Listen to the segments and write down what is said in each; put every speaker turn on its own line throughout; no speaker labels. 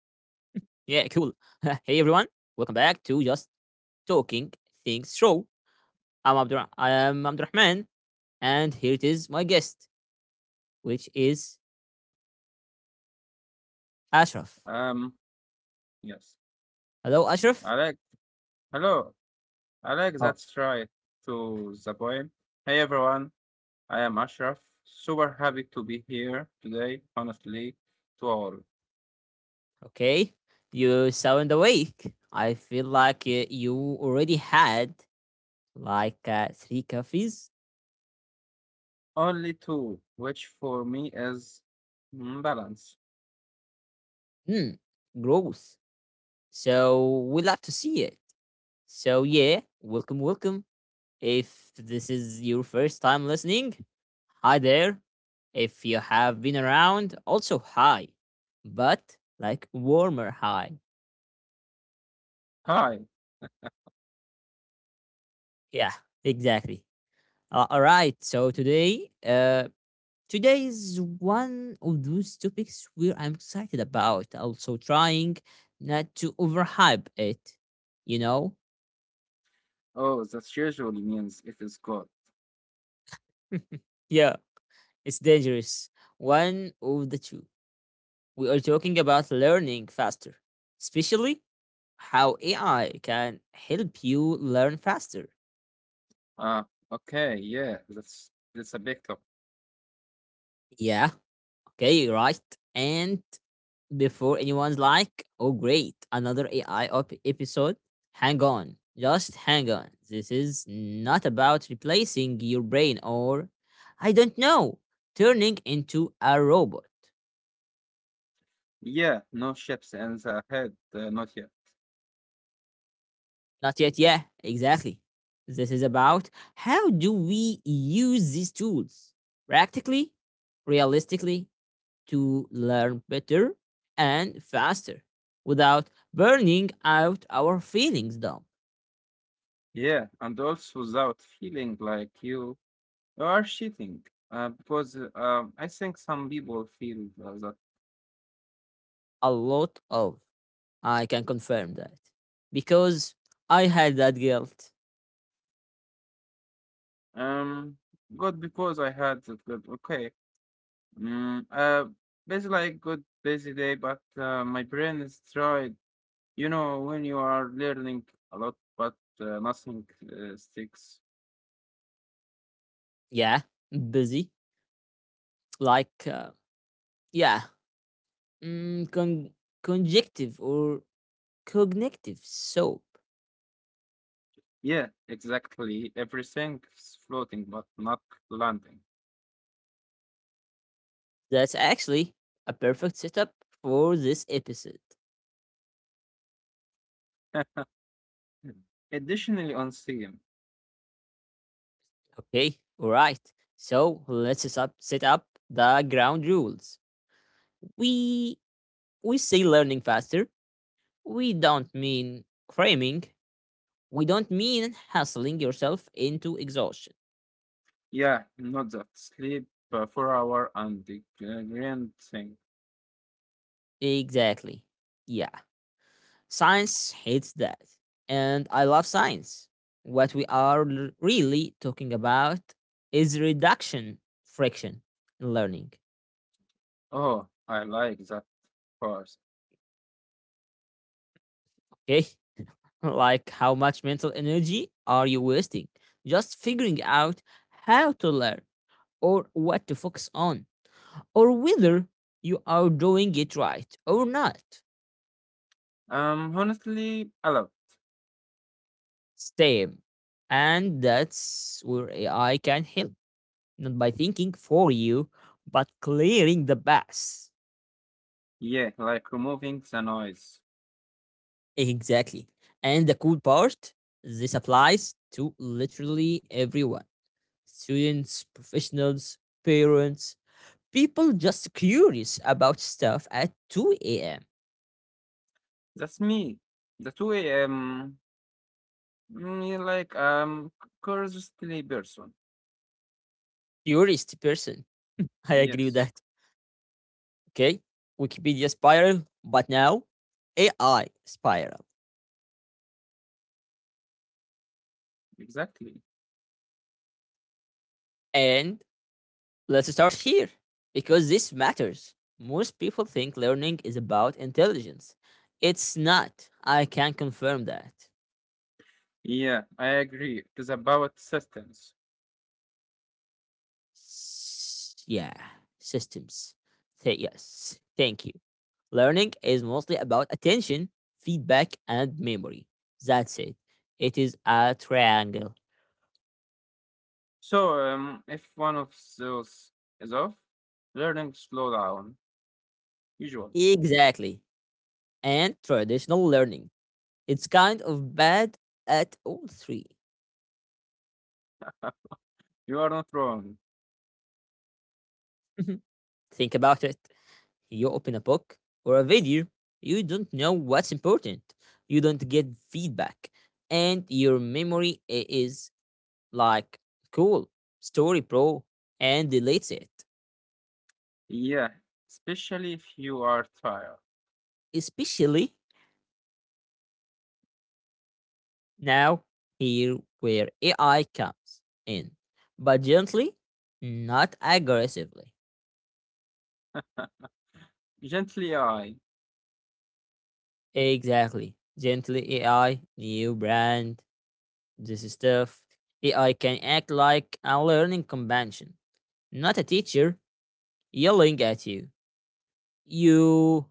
Hey, everyone. Welcome back to Just Talking Things Show. I am Abdurrahman, and here it is my guest, which is Ashraf.
Um, yes.
Hello, Ashraf.
Alex, hello. Alex,
Oh,
that's right. To the point. Hey, everyone. I am Ashraf. Super happy to be here today, honestly, to all.
okay, you sound awake. I feel like you already had like three coffees.
Only two, which for me is balance.
Hmm, gross. So we'll have to see it. So yeah, welcome, welcome. If this is your first time listening, hi there. If you have been around, also hi. But like warmer hi.
Hi.
Yeah, exactly. All right. Today is one of those topics where I'm excited about. Also trying not to overhype it. You know.
Oh, that usually means it is good.
Yeah, it's dangerous one of the two we are talking about learning faster, especially how AI can help you learn faster.
Ah, okay. Yeah, that's a big top.
Yeah, okay, right. And before anyone's like, oh, great, another episode, hang on, just hang on. This is not about replacing your brain or, I don't know, turning into a robot.
Yeah, no chips in the head, not yet.
Not yet. Yeah, exactly. This is about how do we use these tools practically, realistically to learn better and faster without burning out our feelings dump.
Yeah, and also without feeling like you or cheating, because I think some people feel that
A lot of I can confirm that because I had that guilt.
um, good because I had that good. Okay, mm, uh, basically like good busy day, but my brain is tired. You know when you are learning a lot, but nothing sticks.
Yeah, busy. Like, yeah, mm, con- conjective or cognitive soap.
Yeah, exactly. Everything is floating, but not landing.
That's actually a perfect setup for this episode.
Additionally, on CM,
Okay, alright. So set up the ground rules. We we say learning faster. We don't mean cramming. We don't mean hustling yourself into exhaustion.
yeah, not that sleep for hour and the grand thing.
Exactly. Yeah. Science hates that. And I love science. What we are really talking about is reduction friction in learning.
Oh, I like that part.
Okay? Like, how much mental energy are you wasting just figuring out how to learn or what to focus on or whether you are doing it right or not?
Honestly, a lot.
Same. And that's where AI can help, not by thinking for you, but clearing the path.
Yeah, like removing the noise.
Exactly. And the cool part this applies to literally everyone students, professionals, parents, people just curious about stuff at 2 a.m.
That's me. That way, yeah, like curiously person.
Curious person. I agree with
Yes,
that. Okay. Wikipedia spiral, but now AI spiral.
exactly.
And let's start here because this matters. Most people think learning is about intelligence. It's not. I can confirm that.
Yeah, I agree. It is about systems.
Yeah, systems. Say yes, thank you. Learning is mostly about attention, feedback, and memory. That's it. It is a triangle.
So, if one of those is off, learning slow down. Usually,
Exactly. And traditional learning. It's kind of bad at all three.
you are not wrong.
Mhm. Think about it. You open a book or a video, you don't know what's important. You don't get feedback. And your memory is like, cool, story pro, and deletes it.
Yeah, especially if you are tired.
Especially now, here where AI comes in, but gently, not aggressively.
Gently, I.
Exactly. Gently AI, new brand, this is stuff. AI can act like a learning companion, not a teacher yelling at you.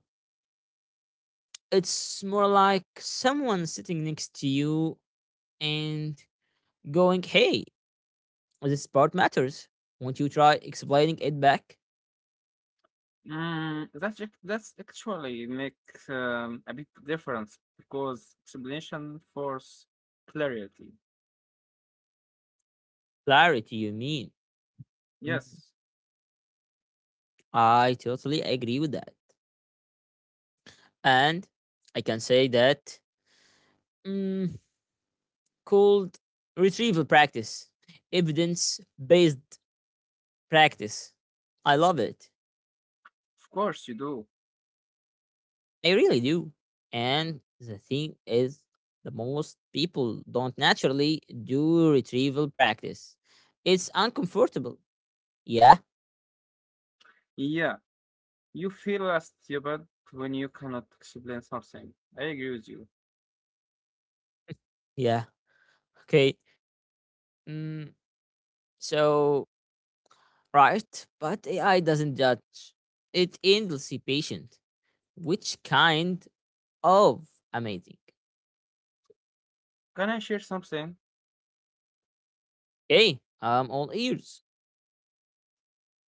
It's more like someone sitting next to you and going, hey, this part matters. Won't you try explaining it back?
That's actually makes a big difference because explanation force clarity.
Clarity, you mean? Mm,
Yes,
I totally agree with that. And I can say that mm, called retrieval practice, evidence based practice. I love it.
of course you do.
I really do. And the thing is, the most people don't naturally do retrieval practice. It's uncomfortable. Yeah,
Yeah, you feel stupid when you cannot explain something. I agree with you.
yeah. Okay. Mm, so Right, but AI doesn't judge. It endlessly patient. Which kind of amazing?
Can I share something?
Okay, I'm all ears.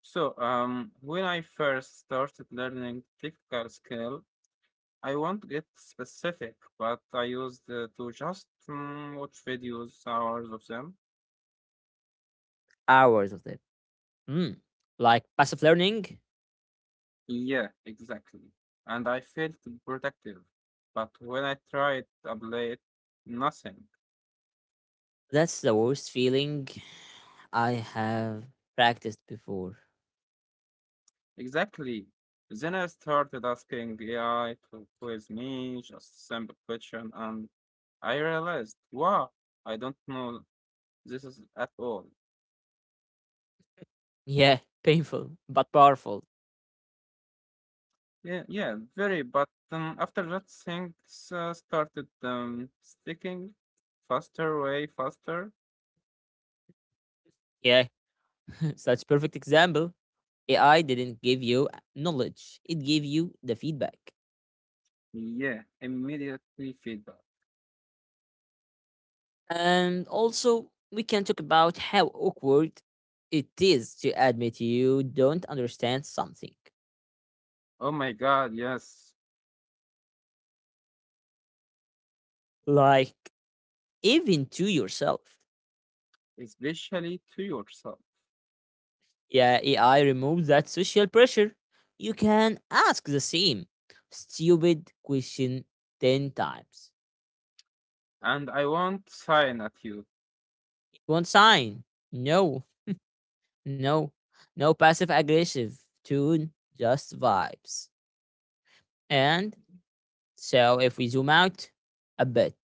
So, when I first started learning technical skill, I won't get specific, but I used to just watch videos, hours of them.
Hours of them. Hmm. Like passive learning,
Yeah, exactly. And I felt protective, but when I tried to apply it, nothing.
that's the worst feeling I have practiced before.
Exactly. Then I started asking the AI to quiz me just a simple question, and I realized, wow, I don't know this is at all.
Yeah, painful, but powerful.
Yeah, yeah, very. But after that, things started sticking faster, way faster.
Yeah, such perfect example. AI didn't give you knowledge, it gave you the feedback.
Yeah, immediately feedback.
And also, we can talk about how awkward it is to admit you don't understand something,
Oh my God, yes.
like even to yourself.
Especially to yourself.
Yeah, AI removes that social pressure. You can ask the same stupid question 10 times.
And I won't sign at you.
It won't sign. No, no, no passive aggressive tune, just vibes. And so, if we zoom out a bit,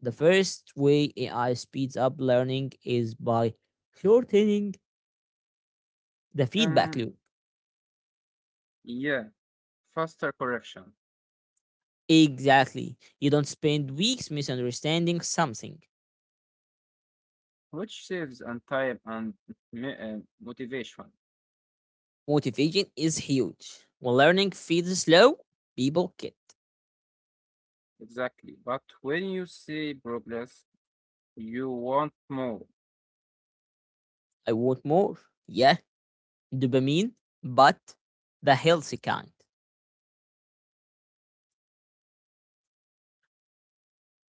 the first way AI speeds up learning is by shortening the feedback
Um,
loop.
yeah, faster correction,
Exactly. You don't spend weeks misunderstanding something.
which saves on time and m- uh, motivation.
Motivation is huge. When learning feels slow, people get,
Exactly. But when you see progress, you want more.
I want more. Yeah, dopamine, but the healthy kind.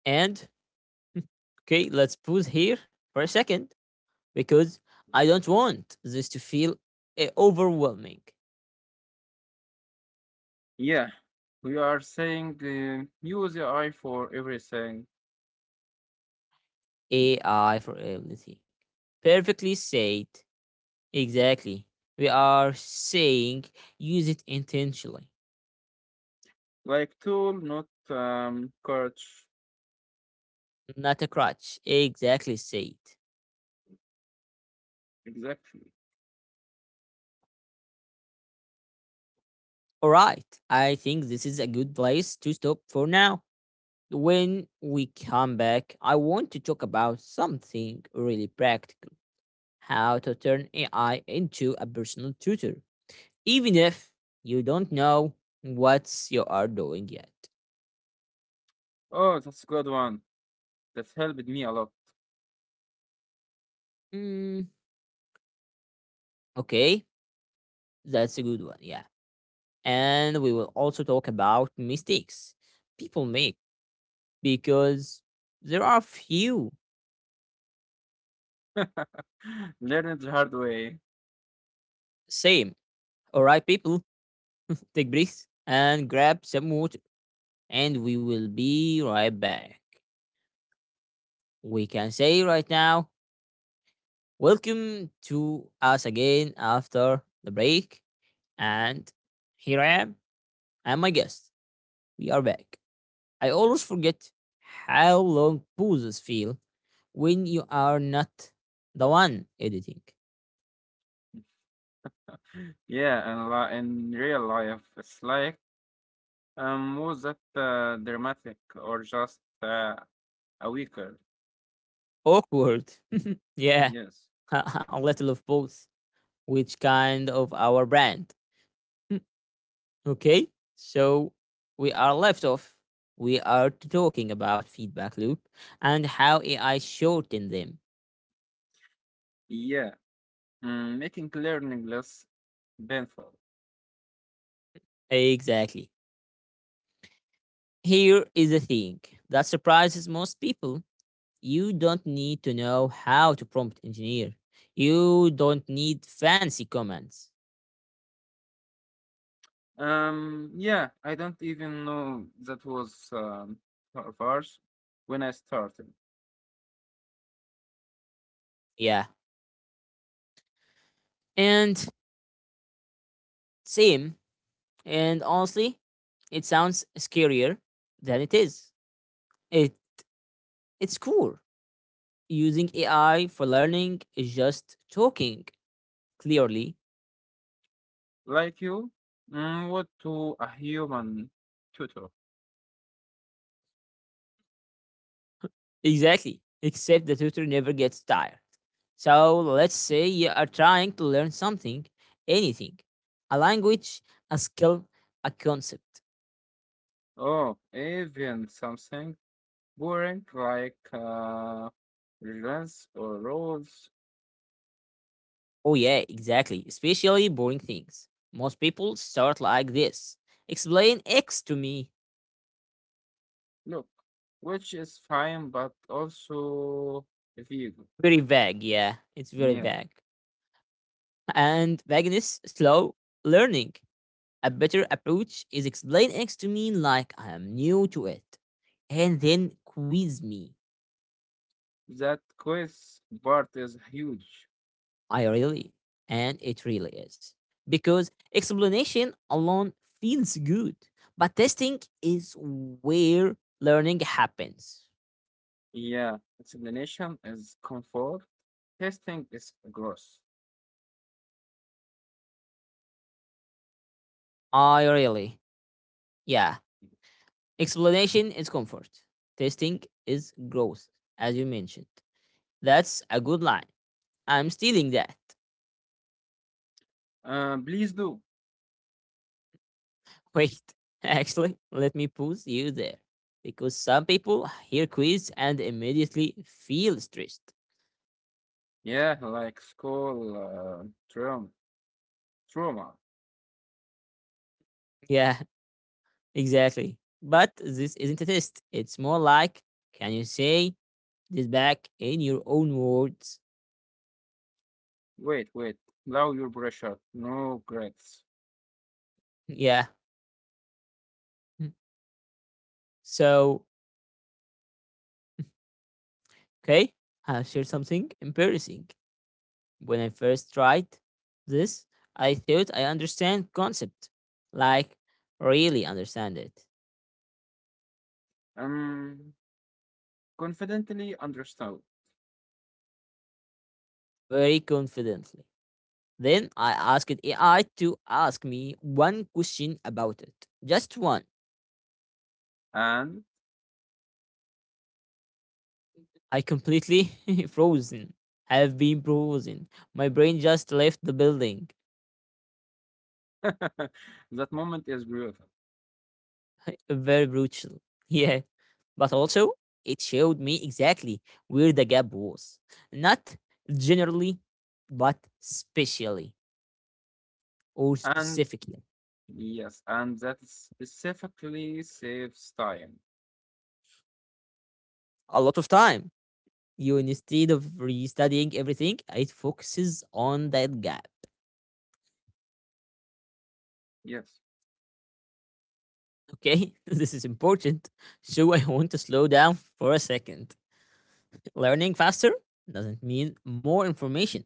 And, okay, let's pause here for a second because I don't want this to feel overwhelming.
Yeah, we are saying use the eye for everything,
AI for everything. Perfectly said. Exactly. We are saying use it intentionally,
like tool, not coach.
not a crutch. Exactly said.
Exactly.
All right. I think this is a good place to stop for now. When we come back, I want to talk about something really practical how to turn AI into a personal tutor, even if you don't know what you are doing yet.
Oh, that's a good one. That helped me a lot.
Mm, okay, that's a good one. Yeah. And we will also talk about mistakes people make because there are few.
Learn it the hard way.
Same. All right, people, take breath and grab some water, and we will be right back. We can say right now, welcome to us again after the break. And here I am, and my guest. We are back. I always forget how long pauses feel when you are not the one editing.
Yeah, and in real life, it's like was that dramatic or just a weaker?
Awkward. Yeah,
Yes.
a little of both. Which kind of our brand? Hmm, okay, so we are left off. We are talking about feedback loop and how AI shortened them.
Yeah. Mm, making learning less painful.
Exactly. Here is the thing that surprises most people. You don't need to know how to prompt engineer. You don't need fancy commands.
Yeah, I don't even know that was verse when I started.
Yeah. And Same. And honestly, it sounds scarier than it is. It it's cool. Using AI for learning is just talking clearly.
Like you, what to a human tutor?
Exactly. Except the tutor never gets tired. So let's say you are trying to learn something, anything. A language, a skill, a concept.
Oh, even something boring like rules or rules.
Oh yeah, exactly. Especially boring things. Most people start like this. Explain X to me.
Look, which is fine, but also vague.
Very vague, yeah. It's very
Yeah,
vague. And vagueness, slow learning. A better approach is explain X to me like I am new to it, and then quiz me.
that quiz part is huge.
I really, and It really is. Because explanation alone feels good, but testing is where learning happens.
Yeah, explanation is comfort. Testing is gross.
I really, yeah. Explanation is comfort, testing is growth, as you mentioned. That's a good line. I'm stealing that.
Please do.
Wait, actually, let me pause you there. Because some people hear quiz and immediately feel stressed.
Yeah, like school trauma. Trauma.
Yeah, exactly. But this isn't a test. It's more like can you say this back in your own words?
Wait, wait. Allow your pressure. No grades.
Yeah. So, okay, I'll share something embarrassing. When I first tried this, I thought I understand concept, like really understand it,
Um, Confidently understand.
very confidently. Then I asked AI to ask me one question about it. Just one.
And
I completely frozen. Have been frozen. My brain just left the building.
that moment is beautiful.
Very brutal. Yeah. But also it showed me exactly where the gap was. Not generally, but specially or
And
specifically.
yes, and that specifically saves time.
A lot of time. You instead of restudying everything, it focuses on that gap.
Yes,
Okay, this is important. So I want to slow down for a second. Learning faster doesn't mean more information,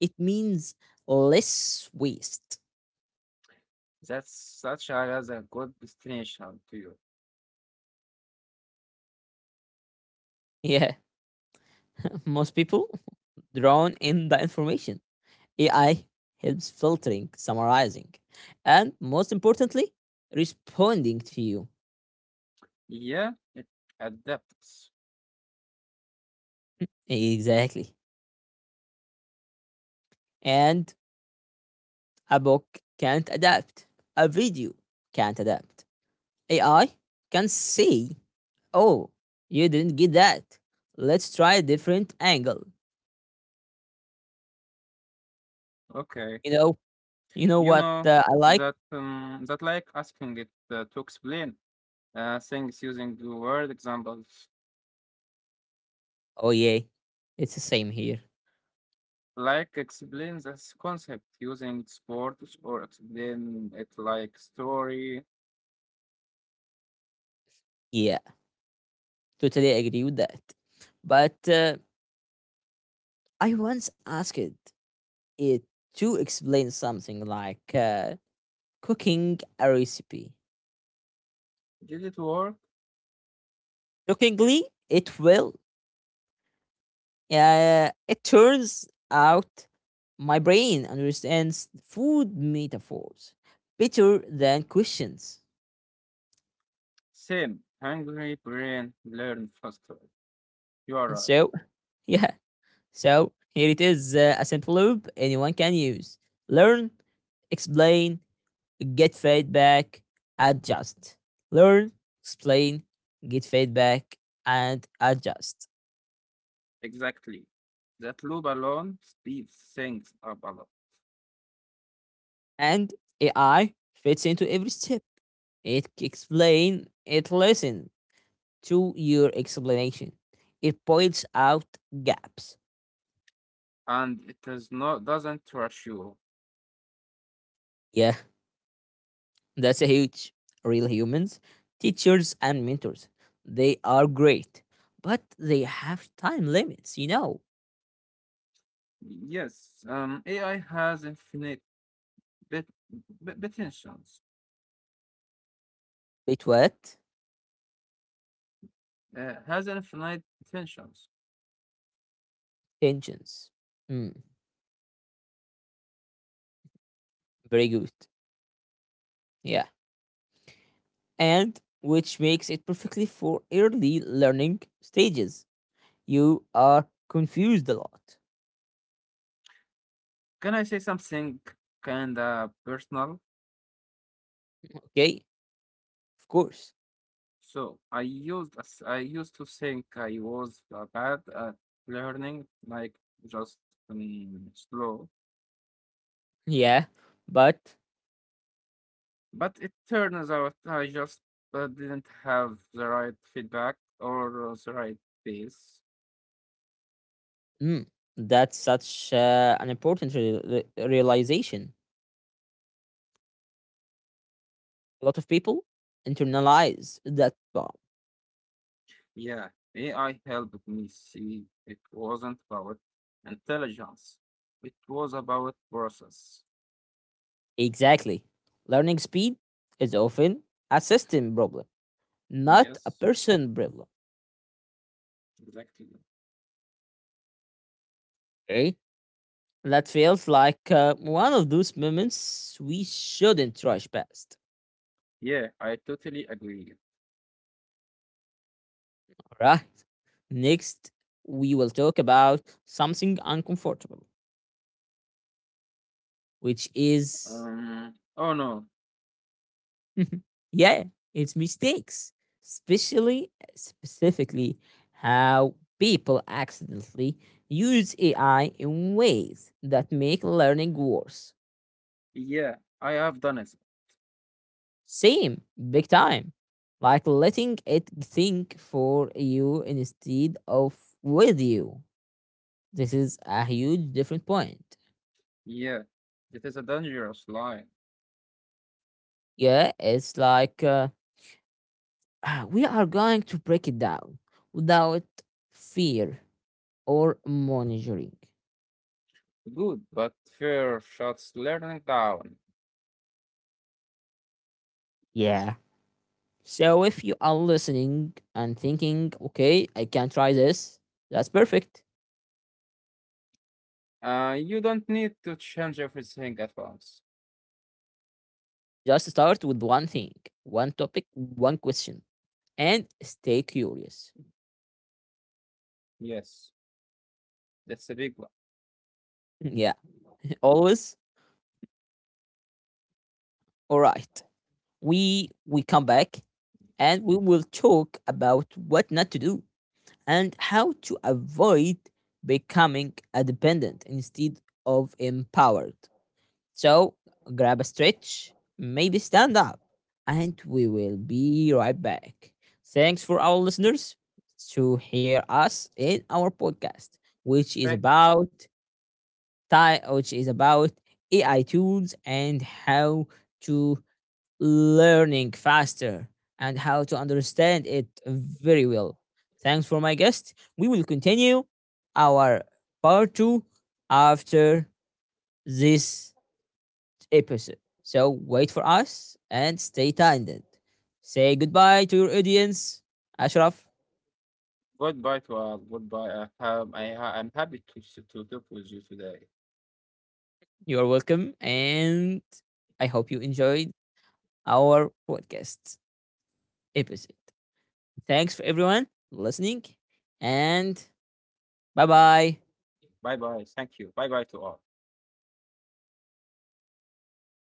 it means less waste.
that's such as a good destination to you.
Yeah, most people drown in the information. AI helps filtering, summarizing, and most importantly, responding to you.
Yeah, it adapts.
Exactly. And a book can't adapt, a video can't adapt. AI can say oh, you didn't get that. Let's try a different angle.
Okay,
You know, you know
you
what
know
I like?
that that like asking it to explain things using the word examples,
Oh yeah, it's the same here.
like explain this concept using sports or explain it like story.
Yeah, totally agree with that. But I once asked it to explain something like cooking a recipe.
Did it work?
Shockingly, it will. It turns out my brain understands food metaphors better than questions.
Same. Hungry brain learn faster. You are
And
right.
so, yeah, so here it is a simple loop anyone can use. Learn, explain, get feedback, adjust. Learn, explain, get feedback, and adjust.
Exactly. That loop alone speeds things up a lot,
And AI fits into every step. It explains. It listens to your explanation. It points out gaps.
and it doesn't rush you.
Yeah, that's a huge. Real humans, teachers, and mentors, they are great, but they have time limits, you know.
Yes, AI has infinite bit, bit potentials.
It what?
Has infinite potentials.
Tensions. Mm, Very good. Yeah. And which makes it perfectly for early learning stages. You are confused a lot.
Can I say something kinda personal?
Okay? Of course.
So I used to think I was bad at learning, like just slow.
Yeah. But
But it turns out I just didn't have the right feedback or the right pace.
mm, that's such an important realization. A lot of people internalize that.
Yeah, AI helped me see it wasn't about intelligence, it was about process.
Exactly. Learning speed is often a system problem, not a
Yes,
person problem.
exactly.
Okay? That feels like one of those moments we shouldn't rush past.
Yeah, I totally agree.
All right. Next, we will talk about something uncomfortable, which is,
Oh no,
yeah, it's mistakes, specifically, how people accidentally use AI in ways that make learning worse.
yeah, I have done it.
Same, big time. Like letting it think for you instead of with you. This is a huge different point.
Yeah, it is a dangerous line.
Yeah, it's like we are going to break it down without fear or monitoring.
Good, but fear shuts learning down.
Yeah. So if you are listening and thinking, okay, I can try this, that's perfect.
You don't need to change everything at once.
Just start with one thing, one topic, one question, and stay curious.
Yes, that's a big one.
Yeah. Always. All right. We come back and we will talk about what not to do and how to avoid becoming a dependent instead of empowered. So grab a stretch, maybe stand up, and we will be right back. Thanks for our listeners to hear us in our podcast, which is
Thank.
about ti- which is about AI tools and how to learning faster and how to understand it very well. Thanks for my guest. We will continue our part two after this episode. So wait for us and stay tuned. Say goodbye to your audience. Ashraf,
Goodbye to all. Goodbye. I have. I'm happy to talk with you today.
you are welcome, and I hope you enjoyed our podcast episode. Thanks for everyone listening, and bye bye.
Bye bye. Thank you. Bye bye to all.